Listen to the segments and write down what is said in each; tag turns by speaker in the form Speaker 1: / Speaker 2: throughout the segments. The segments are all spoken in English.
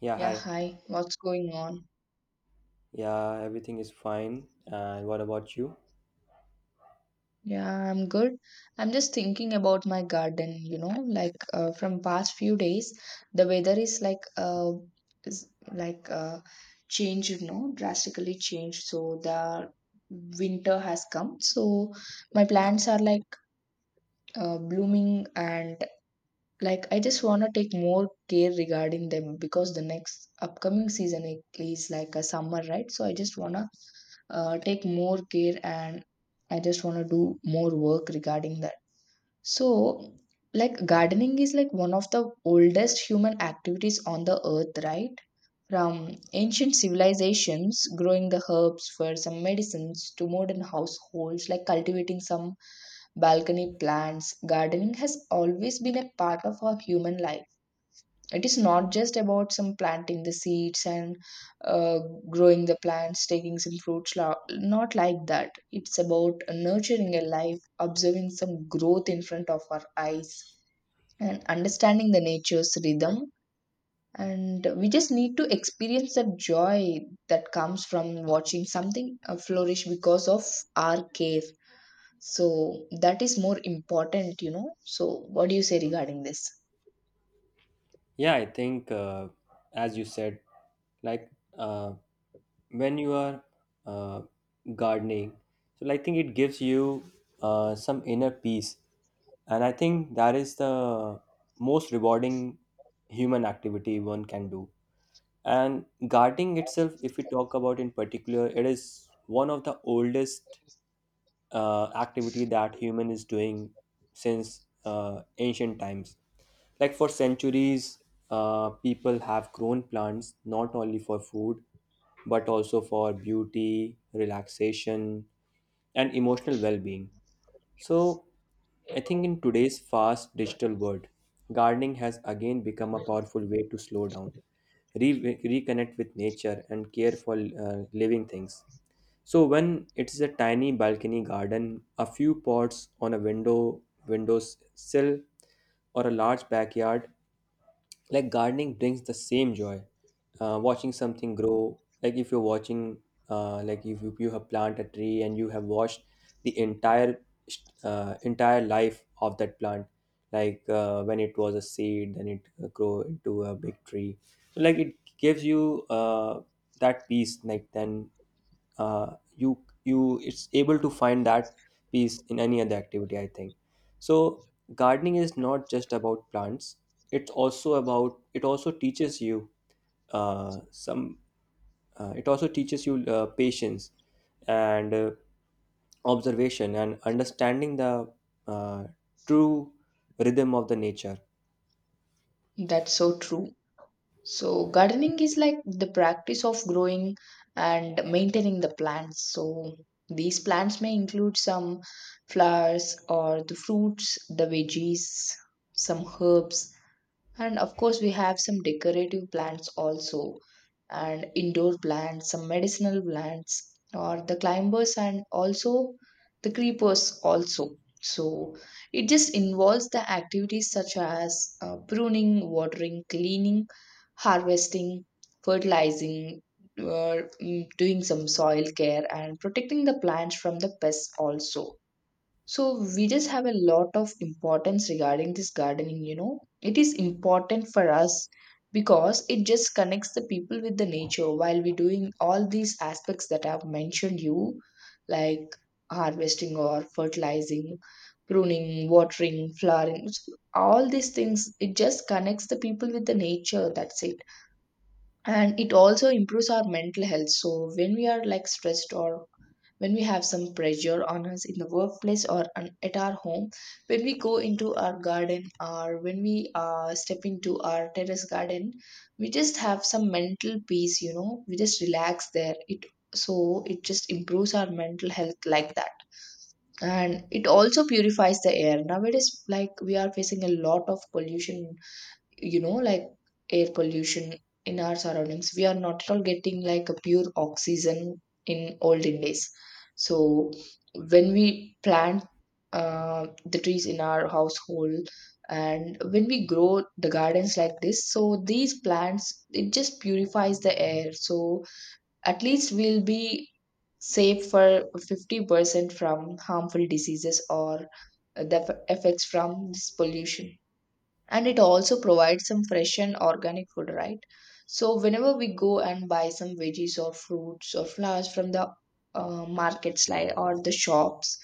Speaker 1: Yeah,
Speaker 2: Yeah,
Speaker 1: hi.
Speaker 2: hi. What's going on?
Speaker 1: Yeah, everything is fine. And what about you?
Speaker 2: Yeah, I'm good. I'm just thinking about my garden, you know, like from past few days, the weather is like changed, you know, drastically changed. So the winter has come. So my plants are like blooming and like I just want to take more care regarding them because the next upcoming season is like a summer, right? So I just want to take more care and I just want to do more work regarding that. So like gardening is like one of the oldest human activities on the earth, right? From ancient civilizations growing the herbs for some medicines to modern households like cultivating some balcony plants, gardening has always been a part of our human life. It is not just about some planting the seeds and uh, growing the plants, taking some fruits, not like that. It's about nurturing a life, observing some growth in front of our eyes, and understanding the nature's rhythm. And we just need to experience that joy that comes from watching something flourish because of our care. So that is more important, you know. So, what do you say regarding this?
Speaker 1: Yeah, I think, as you said, like uh, when you are uh, gardening, so like, I think it gives you some inner peace. And I think that is the most rewarding human activity one can do. And gardening itself, if we talk about in particular, it is one of the oldest activity that human is doing since ancient times, like for centuries people have grown plants not only for food but also for beauty, relaxation, and emotional well-being. So I think in today's fast digital world, gardening has again become a powerful way to slow down, reconnect with nature, and care for living things. So when it's a tiny balcony garden, a few pots on a window sill, or a large backyard, like gardening brings the same joy, watching something grow. Like if you're watching, like if you, you have planted a tree and you have watched the entire entire life of that plant, like when it was a seed, then it grow into a big tree. So like it gives you that peace. Like then, you, you it's able to find that peace in any other activity, I think. So gardening is not just about plants. It's also about, it also teaches you some, it also teaches you patience and observation and understanding the uh, true rhythm of the nature.
Speaker 2: That's so true. So, gardening is like the practice of growing and maintaining the plants. So, these plants may include some flowers or the fruits, the veggies, some herbs, and of course, we have some decorative plants also, and indoor plants, some medicinal plants, or the climbers, and also the creepers also. So it just involves the activities such as pruning, watering, cleaning, harvesting, fertilizing, or doing some soil care, and protecting the plants from the pests also. So we just have a lot of importance regarding this gardening, you know. It is important for us because it just connects the people with the nature while we're doing all these aspects that I've mentioned you, like harvesting or fertilizing, pruning, watering, flowering, so all these things. It just connects the people with the nature. That's it. And it also improves our mental health. So when we are like stressed or when we have some pressure on us in the workplace or on, at our home, when we go into our garden or when we step into our terrace garden, we just have some mental peace, you know, we just relax there. It so it just improves our mental health like that. And it also purifies the air. Nowadays, like we are facing a lot of pollution, you know, like air pollution in our surroundings. We are not at all getting like a pure oxygen in olden days. So when we plant the trees in our household and when we grow the gardens like this, so these plants, it just purifies the air. So at least we'll be safe for 50% from harmful diseases or the effects from this pollution. And it also provides some fresh and organic food, right? So whenever we go and buy some veggies or fruits or flowers from the markets like or the shops,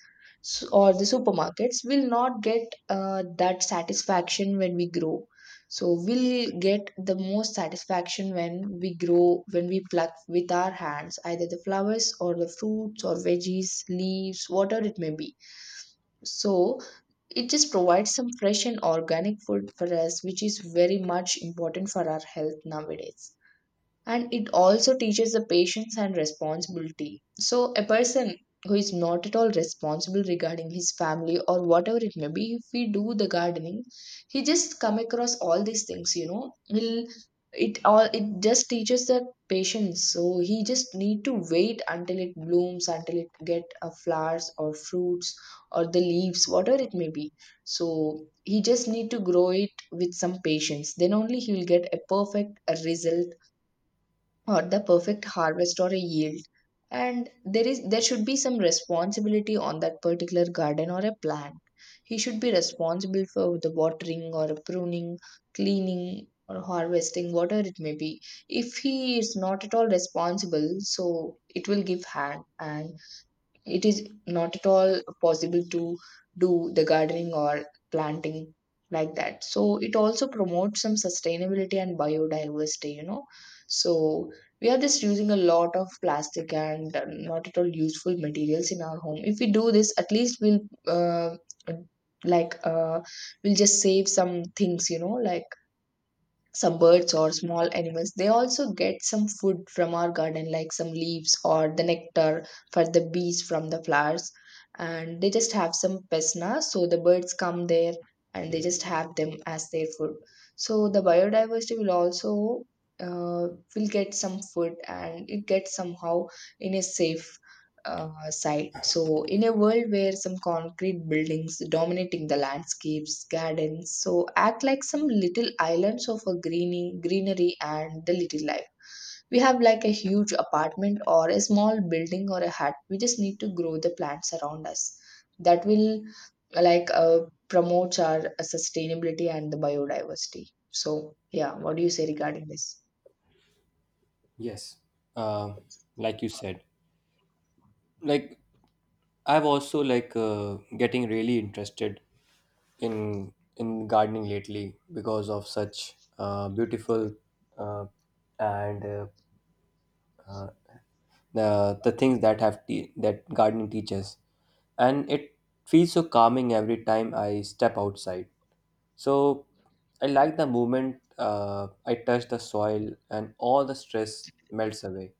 Speaker 2: or the supermarkets, we will not get that satisfaction when we grow. So we'll get the most satisfaction when we grow, when we pluck with our hands either the flowers or the fruits or veggies leaves, whatever it may be. So it just provides some fresh and organic food for us, which is very much important for our health nowadays. And it also teaches the patience and responsibility. So a person who is not at all responsible regarding his family or whatever it may be, if we do the gardening, he just come across all these things, you know, will it all, it just teaches the patience. So he just need to wait until it blooms, until it get flowers or fruits or the leaves, whatever it may be. So he just need to grow it with some patience, then only he will get a perfect result or the perfect harvest or a yield. And there should be some responsibility on that particular garden or a plant. He should be responsible for the watering or pruning, cleaning or harvesting, whatever it may be. If he is not at all responsible, so it will give harm and it is not at all possible to do the gardening or planting like that. So it also promotes some sustainability and biodiversity, you know. So we are just using a lot of plastic and not at all useful materials in our home. If we do this, at least we'll uh, like uh, we'll just save some things, you know, like some birds or small animals, they also get some food from our garden, like some leaves or the nectar for the bees from the flowers. And they just have some pesna, so the birds come there and they just have them as their food. So the biodiversity will also uh, will get some food and it gets somehow in a safe side. So, in a world where some concrete buildings dominating the landscapes, gardens, so act like some little islands of a greening, greenery and the little life. We have like a huge apartment or a small building or a hut. We just need to grow the plants around us. That will like uh, promotes our sustainability and the biodiversity. So, yeah, what do you say regarding this?
Speaker 1: Yes, uh, like you said, like I've also getting really interested in gardening lately because of such beautiful uh, and uh, the things that that gardening teaches, and it feels so calming every time I step outside. So I like the moment, I touch the soil and all the stress melts away.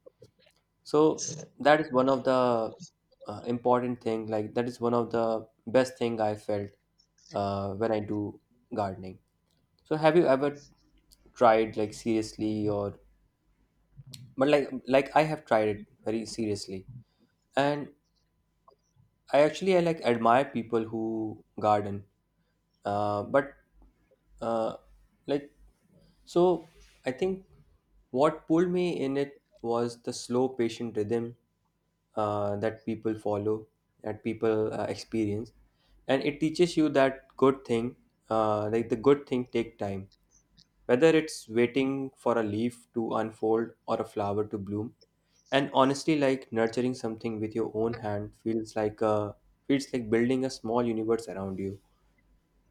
Speaker 1: So that is one of the important thing. Like that is one of the best thing I felt when I do gardening. So have you ever tried, like, seriously? Or but like I have tried it very seriously. And I actually I like admire people who garden, but uh, like so I think what pulled me in, it was the slow, patient rhythm that people follow, that people experience, and it teaches you that good thing, like the good thing, take time. Whether it's waiting for a leaf to unfold or a flower to bloom, and honestly, like nurturing something with your own hand feels like building a small universe around you.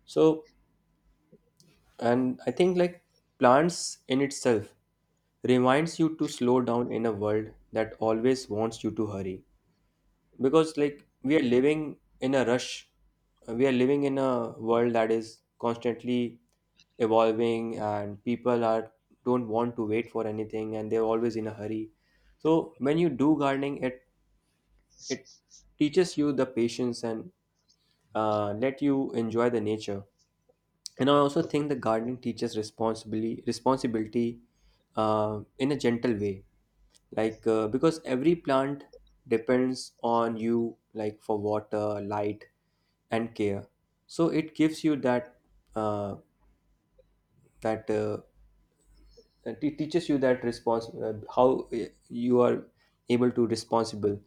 Speaker 1: So, and I think, like, plants in itself reminds you to slow down in a world that always wants you to hurry, because like we are living in a rush, we are living in a world that is constantly evolving, and people are, don't want to wait for anything, and they're always in a hurry. So when you do gardening, it teaches you the patience and, let you enjoy the nature. And I also think the gardening teaches responsibility in a gentle way. Like, because every plant depends on you, like for water, light, and care. So it gives you that, uh, that uh, it teaches you that response how you are able to responsible.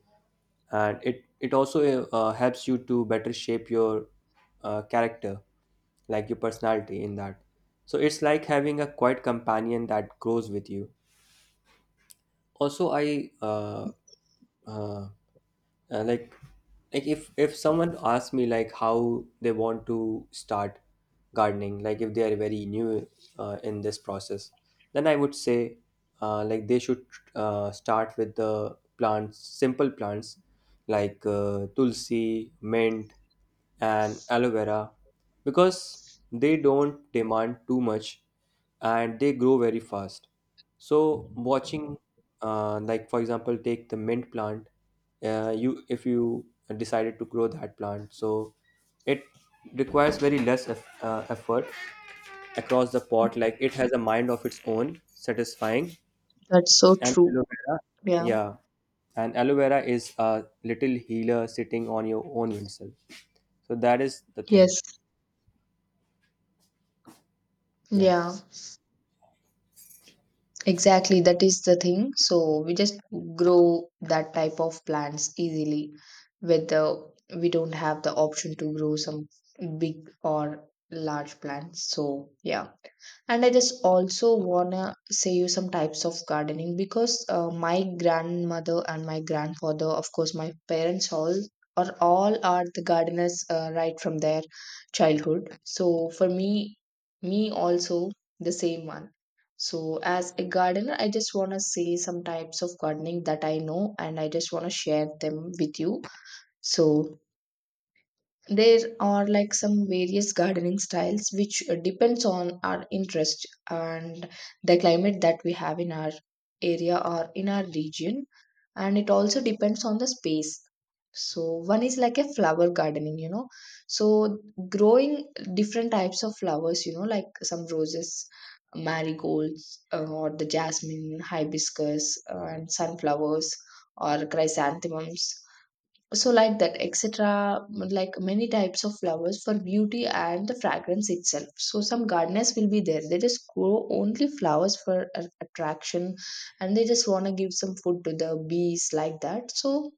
Speaker 1: And it also helps you to better shape your character, like your personality in that. So it's like having a quiet companion that grows with you. Also I uh, uh, like like if someone asks me like how they want to start gardening, like if they are very new in this process, then I would say, like they should start with the plants simple plants, like tulsi, mint, and aloe vera, because they don't demand too much and they grow very fast. So watching, like for example, take the mint plant. You, if you decided to grow that plant, so it requires very less effort across the pot. Like it has a mind of its own, satisfying,
Speaker 2: That's so
Speaker 1: and
Speaker 2: true.
Speaker 1: aloe vera,
Speaker 2: Yeah.
Speaker 1: yeah, and aloe vera is a little healer sitting on your own windsel. So that is the thing.
Speaker 2: Yes.
Speaker 1: Yeah.
Speaker 2: Yeah. Exactly, that is the thing. So we just grow that type of plants easily, whether we don't have the option to grow some big or large plants. So yeah. And I just also wanna say you some types of gardening, because my grandmother and my grandfather, of course, my parents, all are the gardeners right from their childhood. So for me, me also the same one. So as a gardener, I just wanna say some types of gardening that I know, and I just wanna share them with you. So there are like some various gardening styles which depends on our interest and the climate that we have in our area or in our region, and it also depends on the space. So one is like a flower gardening, you know. So growing different types of flowers, you know, like some roses, marigolds, or the jasmine, hibiscus, and sunflowers or chrysanthemums, so like that, etc., like many types of flowers for beauty and the fragrance itself. So some gardeners will be there, they just grow only flowers for attraction and they just want to give some food to the bees like that, so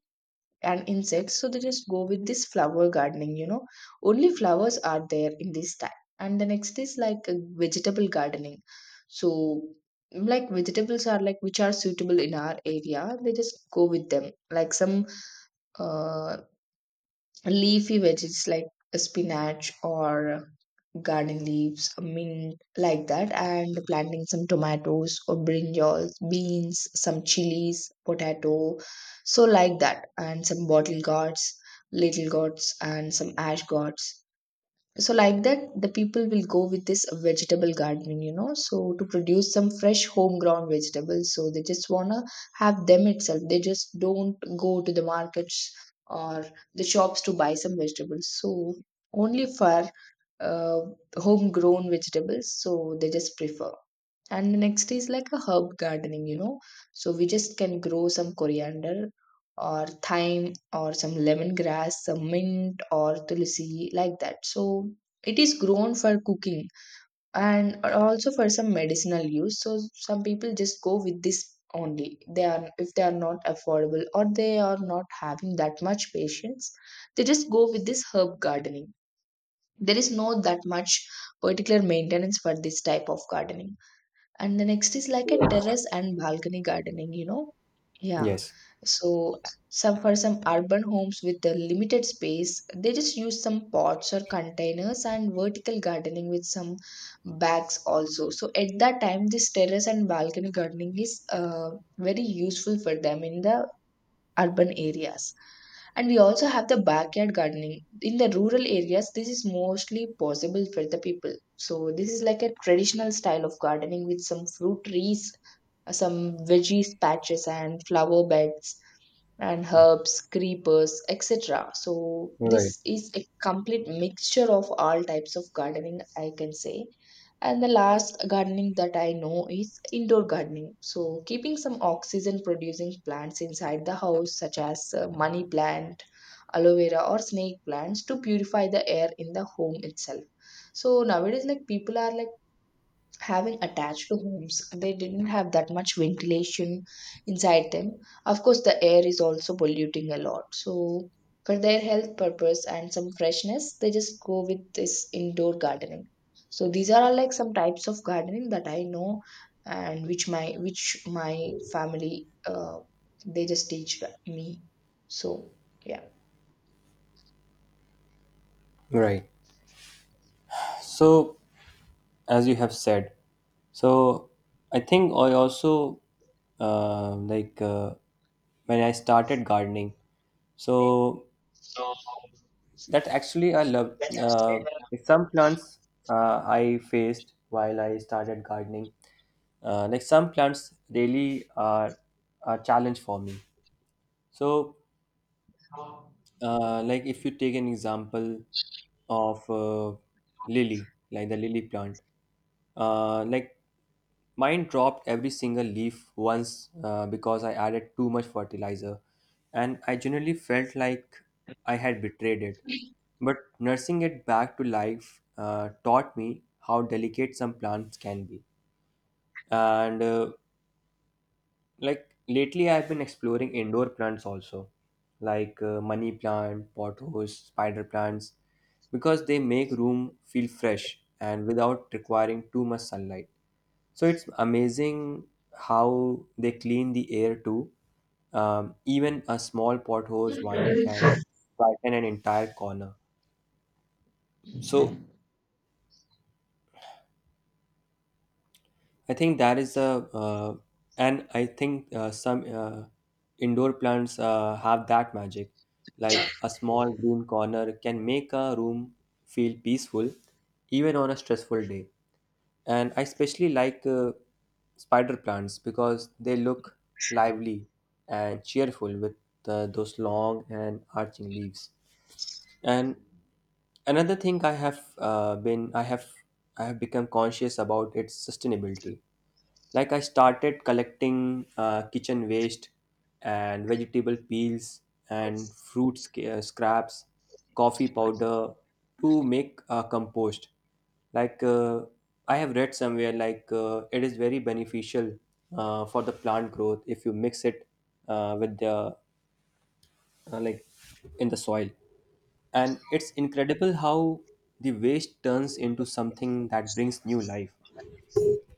Speaker 2: and insects, so they just go with this flower gardening, you know, only flowers are there in this type. And the next is like vegetable gardening. So like vegetables are like which are suitable in our area, they just go with them, like some uh, leafy veggies like spinach or garden leaves, mint, like that, and planting some tomatoes or brinjals, beans, some chilies, potato, so like that, and some bottle gourds, little gourds, and some ash gourds, so like that, the people will go with this vegetable gardening, you know, so to produce some fresh homegrown vegetables. So they just want to have them itself, they just don't go to the markets or the shops to buy some vegetables. So only for uh, homegrown vegetables, so they just prefer. And the next is like a herb gardening, you know. So we just can grow some coriander or thyme or some lemongrass, some mint or tulsi, like that. So it is grown for cooking and also for some medicinal use. So some people just go with this only. They are, if they are not affordable or they are not having that much patience, they just go with this herb gardening. There is no that much particular maintenance for this type of gardening. And the next is like a terrace and balcony gardening, you know? Yeah.
Speaker 1: Yes.
Speaker 2: So some, for some urban homes with the limited space, they just use some pots or containers and vertical gardening with some bags also. So at that time, this terrace and balcony gardening is very useful for them in the urban areas. And we also have the backyard gardening in the rural areas. This is mostly possible for the people. So this is like a traditional style of gardening with some fruit trees, some veggies patches and flower beds and herbs, creepers, etc. So,
Speaker 1: Right.
Speaker 2: this is a complete mixture of all types of gardening, I can say. And the last gardening that I know is indoor gardening. So, keeping some oxygen producing plants inside the house, such as money plant, aloe vera, or snake plants, to purify the air in the home itself. So, nowadays, like people are like having attached to homes, they didn't have that much ventilation inside them. Of course, the air is also polluting a lot, so for their health purpose and some freshness, they just go with this indoor gardening. So these are all like some types of gardening that I know, and which my family, they just teach me. So, yeah.
Speaker 1: Right. So as you have said, so I think I also, uh, like uh, when I started gardening. So
Speaker 2: So,
Speaker 1: that actually I love. Some plants I faced while I started gardening. Like some plants really are a challenge for me. So, like if you take an example of lily, like the lily plant. Like mine dropped every single leaf once because I added too much fertilizer, and I generally felt like I had betrayed it. But nursing it back to life taught me how delicate some plants can be. And like lately, I've been exploring indoor plants also, like money plant, pothos, spider plants, because they make room feel fresh and without requiring too much sunlight. So it's amazing how they clean the air too. Even a small pothose vine can brighten an entire corner. So I think that is the, and I think some indoor plants have that magic. Like a small green corner can make a room feel peaceful, even on a stressful day. And I especially like spider plants because they look lively and cheerful with those long and arching leaves. And another thing I have been, I have become conscious about its sustainability. Like I started collecting kitchen waste and vegetable peels and scraps, coffee powder to make compost. Like, I have read somewhere, like it is very beneficial for the plant growth if you mix it with the, uh, like in the soil. And it's incredible how the waste turns into something that brings new life.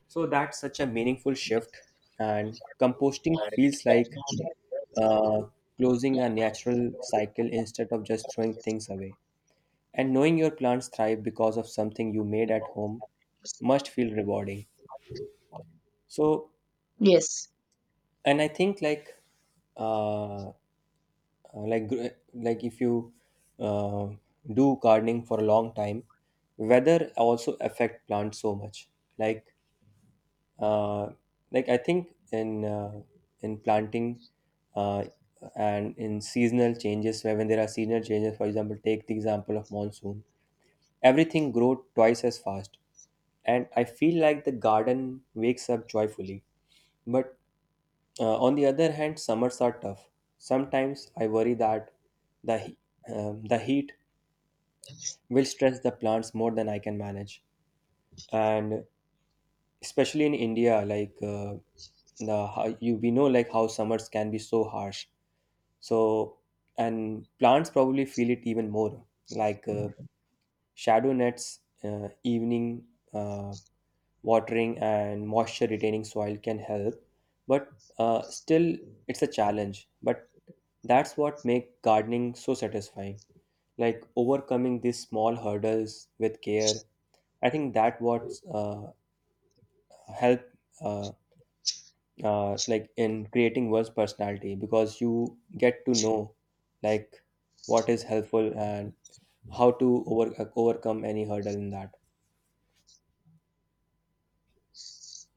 Speaker 1: So that's such a meaningful shift, and composting
Speaker 2: that's
Speaker 1: feels like uh, closing a natural cycle instead of just throwing things away. And knowing your plants thrive because of something you made at home must feel rewarding. So,
Speaker 2: Yes.
Speaker 1: and I think, like, uh, uh, if you uh, do gardening for a long time, weather also affect plants so much. Like, uh, I think in planting uh, and in seasonal changes, where when there are seasonal changes, for example, take the example of monsoon, everything grow twice as fast, and I feel like the garden wakes up joyfully. But on the other hand, summers are tough. Sometimes I worry that the he- the heat will stress the plants more than I can manage, and especially in India, like the how you, we know, like how summers can be so harsh. So, and plants probably feel it even more, like shadow nets, evening uh, watering, and moisture retaining soil can help, but still it's a challenge. But that's what makes gardening so satisfying. Like overcoming these small hurdles with care, I think that what help. Uh, like in creating one's personality, because you get to know like what is helpful and how to overcome any hurdle in that.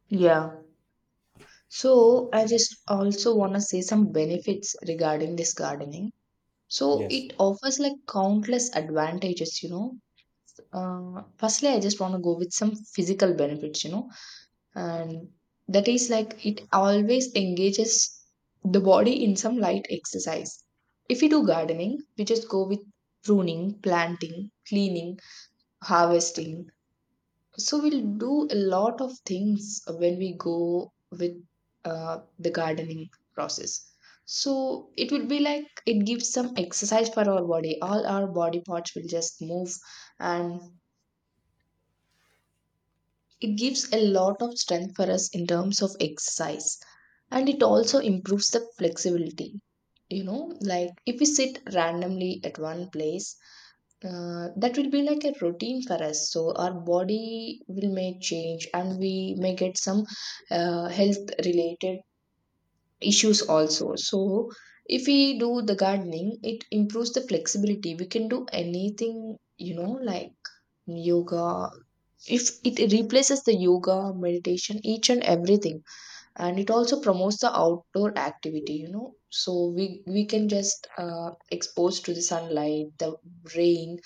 Speaker 2: Yeah. So I just also want to say some benefits regarding this gardening. So
Speaker 1: Yes.
Speaker 2: it offers like countless advantages, you know. Firstly, I just want to go with some physical benefits, you know, and that is like it always engages the body in some light exercise. If you do gardening, we just go with pruning, planting, cleaning, harvesting. So we'll do a lot of things when we go with the gardening process. So it will be like it gives some exercise for our body. All our body parts will just move, and it gives a lot of strength for us in terms of exercise. And it also improves the flexibility. You know, like if we sit randomly at one place, that will be like a routine for us, so our body will may change and we may get some health related issues also. So if we do the gardening, it improves the flexibility. We can do anything, you know, like yoga. If it replaces the yoga meditation, each and everything. And it also promotes the outdoor activity, you know. So we can just expose to the sunlight, the rain,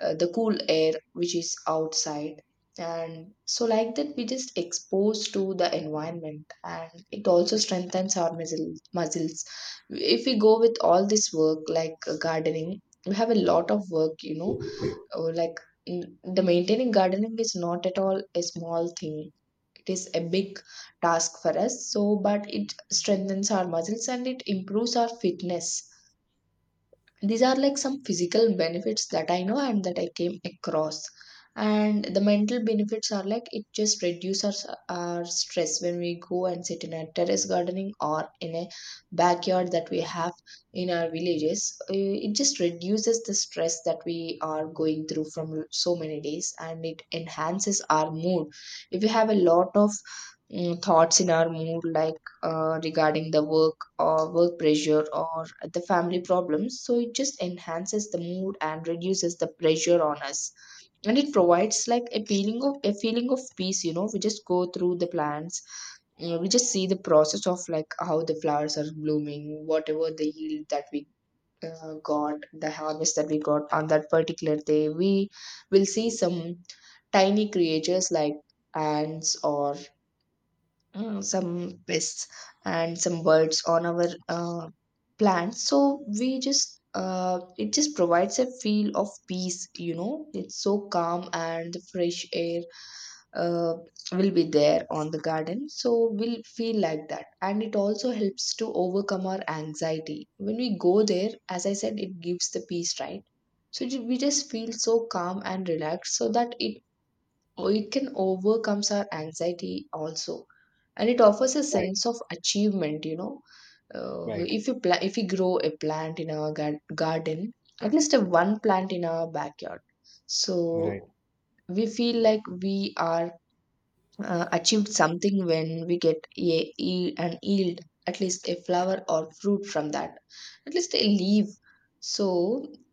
Speaker 2: the cool air which is outside. And so like that, we just exposed to the environment, and it also strengthens our muscles if we go with all this work like gardening. We have a lot of work, you know, or like the maintaining gardening is not at all a small thing. It is a big task for us. So, but it strengthens our muscles and it improves our fitness. These are like some physical benefits that I know and that I came across. And the mental benefits are like it just reduces our stress when we go and sit in a terrace gardening or in a backyard that we have in our villages. It just reduces the stress that we are going through from so many days, and it enhances our mood if we have a lot of thoughts in our mood, like regarding the work or work pressure or the family problems. So it just enhances the mood and reduces the pressure on us. And it provides like a feeling of peace, you know. We just go through the plants. You know, we just see the process of like how the flowers are blooming, whatever the yield that we got, the harvest that we got on that particular day. We will see some tiny creatures like ants or some pests and some birds on our plants. So we just it just provides a feel of peace, you know. It's so calm and the fresh air uh, will be there on the garden, so we'll feel like that. And it also helps to overcome our anxiety when we go there. As I said, it gives the peace, right? So we just feel so calm and relaxed, so that it or it can overcomes our anxiety also. And it offers a
Speaker 1: Right.
Speaker 2: sense of achievement, you know. uh,
Speaker 1: Right.
Speaker 2: if you pla- if we grow a plant in our garden, at least a one plant in our backyard.
Speaker 1: Right.
Speaker 2: So we feel like we are achieved something when we get an yield, at least a flower or fruit from that, at least a leaf. So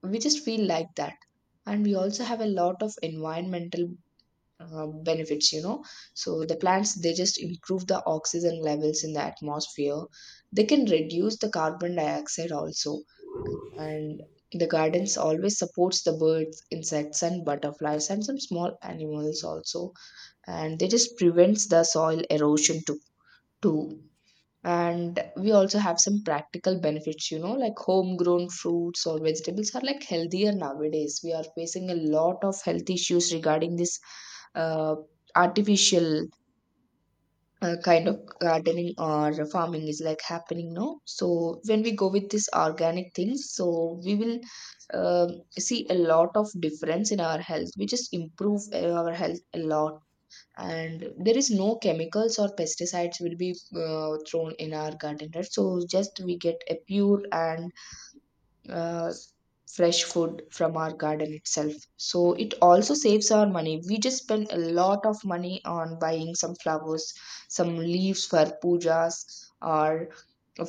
Speaker 2: we just feel like that. And we also have a lot of environmental benefits, you know. So the plants, they just improve the oxygen levels in the atmosphere. They can reduce the carbon dioxide also. And the gardens always supports the birds, insects, and butterflies, and some small animals also. And they just prevents the soil erosion to too. And we also have some practical benefits, you know, like homegrown fruits or vegetables are like healthier. Nowadays we are facing a lot of health issues regarding this uh, artificial kind of gardening or farming is like happening, no. So when we go with this organic things, so we will see a lot of difference in our health. We just improve our health a lot. And there is no chemicals or pesticides will be thrown in our garden, right? So just we get a pure and uh, fresh food from our garden itself. So it also saves our money. We just spend a lot of money on buying some flowers, some leaves for pujas, or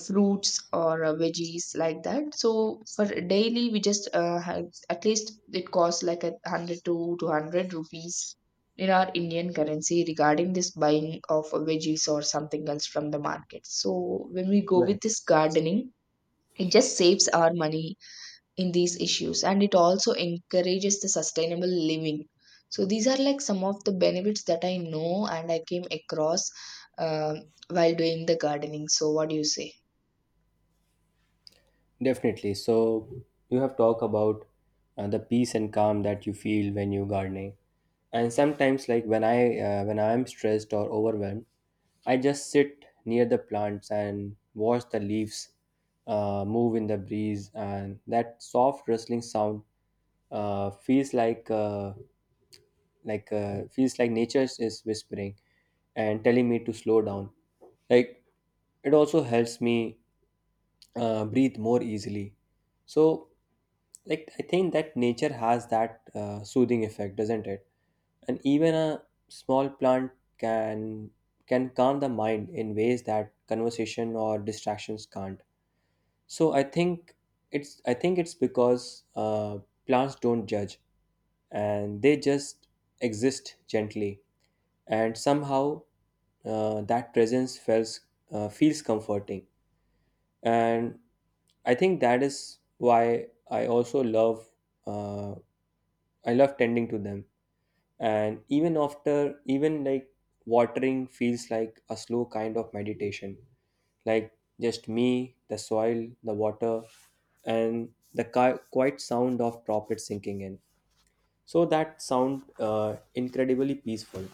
Speaker 2: fruits or veggies like that. So for daily, we just have, at least it costs like 100 to 200 rupees in our Indian currency regarding this buying of veggies or something else from the market. So when we go
Speaker 1: Right.
Speaker 2: with this gardening, it just saves our money in these issues, and it also encourages the sustainable living. So these are like some of the benefits that I know and I came across, um while doing the gardening. So what do you say?
Speaker 1: Definitely. So you have talked about the peace and calm that you feel when you're gardening. And sometimes, like when I when I'm stressed or overwhelmed, I just sit near the plants and watch the leaves move in the breeze, and that soft rustling sound uh, feels like uh, feels like nature is whispering and telling me to slow down. Like it also helps me breathe more easily. So like I think that nature has that soothing effect, doesn't it? And even a small plant can can calm the mind in ways that conversation or distractions can't. So I think it's I think it's because, plants don't judge, and they just exist gently, and somehow that presence feels comforting. And I think that is why I also love, uh, I love tending to them. And even after even like watering feels like a slow kind of meditation. Like just me, the soil, the water, and the quiet sound of droplets sinking in. So that sound, incredibly peaceful.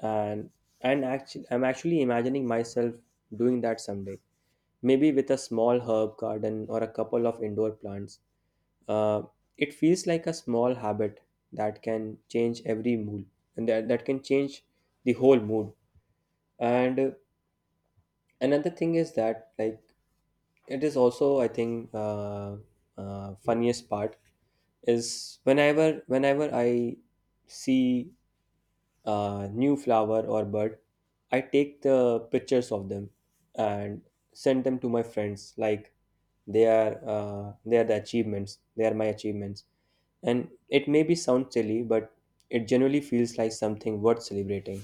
Speaker 1: and and actually I'm actually imagining myself doing that someday, maybe with a small herb garden or a couple of indoor plants. uh, it feels like a small habit that can change every mood, and that can change the whole mood. And another thing is that, like, it is also, I think, funniest part is whenever I see a new flower or bird, I take the pictures of them and send them to my friends. Like they are the achievements, they are my achievements. And it maybe sound silly, but it generally feels like something worth celebrating.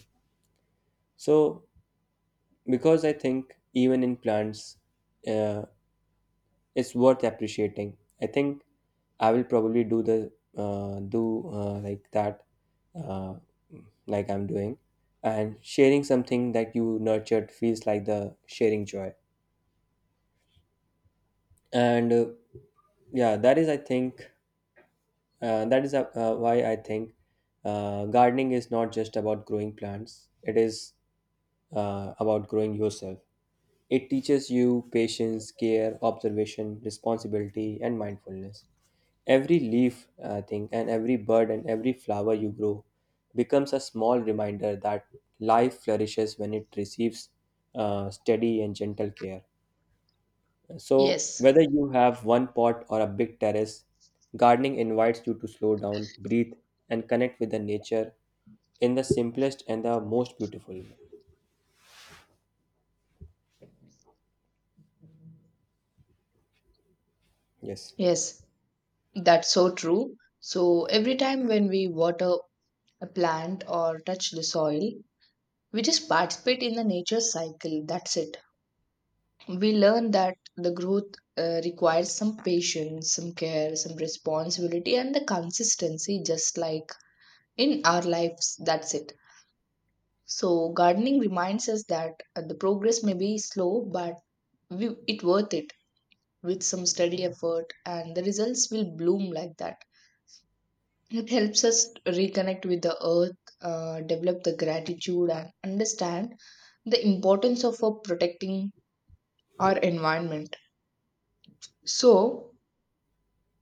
Speaker 1: So because I think even in plants, uh, it's worth appreciating. I think I will probably do the, do like that, uh, like I'm doing, and sharing something that you nurtured feels like the sharing joy. And yeah, that is I think that is why I think gardening is not just about growing plants. It is about growing yourself. It teaches you patience, care, observation, responsibility, and mindfulness. Every leaf, I think, and every bird and every flower you grow becomes a small reminder that life flourishes when it receives steady and gentle care. So,
Speaker 2: Yes.
Speaker 1: whether you have one pot or a big terrace, gardening invites you to slow down, breathe, and connect with the nature in the simplest and the most beautiful way. Yes.
Speaker 2: Yes, that's so true. So every time when we water a plant or touch the soil, we just participate in the nature cycle. That's it. We learn that the growth requires some patience, some care, some responsibility, and the consistency, just like in our lives. That's it. So gardening reminds us that the progress may be slow, but we, it worth it with some steady effort, and the results will bloom like that. It helps us reconnect with the earth, develop the gratitude, and understand the importance of protecting our environment. So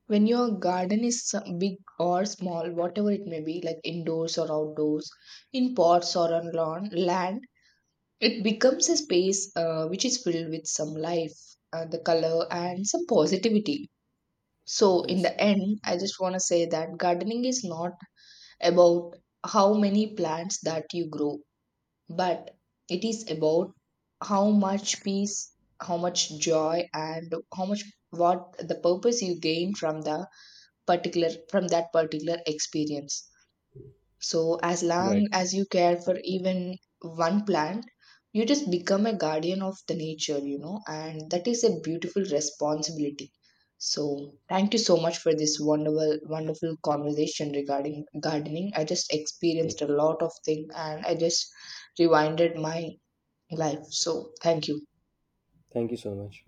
Speaker 2: when your garden is big or small, whatever it may be, like indoors or outdoors, in pots or on lawn, land, it becomes a space which is filled with some life, the color, and some positivity. So, in
Speaker 1: Yes.
Speaker 2: the end, I just want to say that gardening is not about how many plants that you grow, but it is about how much peace, how much joy, and how much what the purpose you gain from the particular from that particular experience. So, as
Speaker 1: Right.
Speaker 2: long as you care for even one plant, you just become a guardian of the nature, you know, and that is a beautiful responsibility. So, thank you so much for this wonderful, wonderful conversation regarding gardening. I just experienced a
Speaker 1: Yes.
Speaker 2: lot of things, and I just rewinded my life. So, thank you.
Speaker 1: Thank you so much.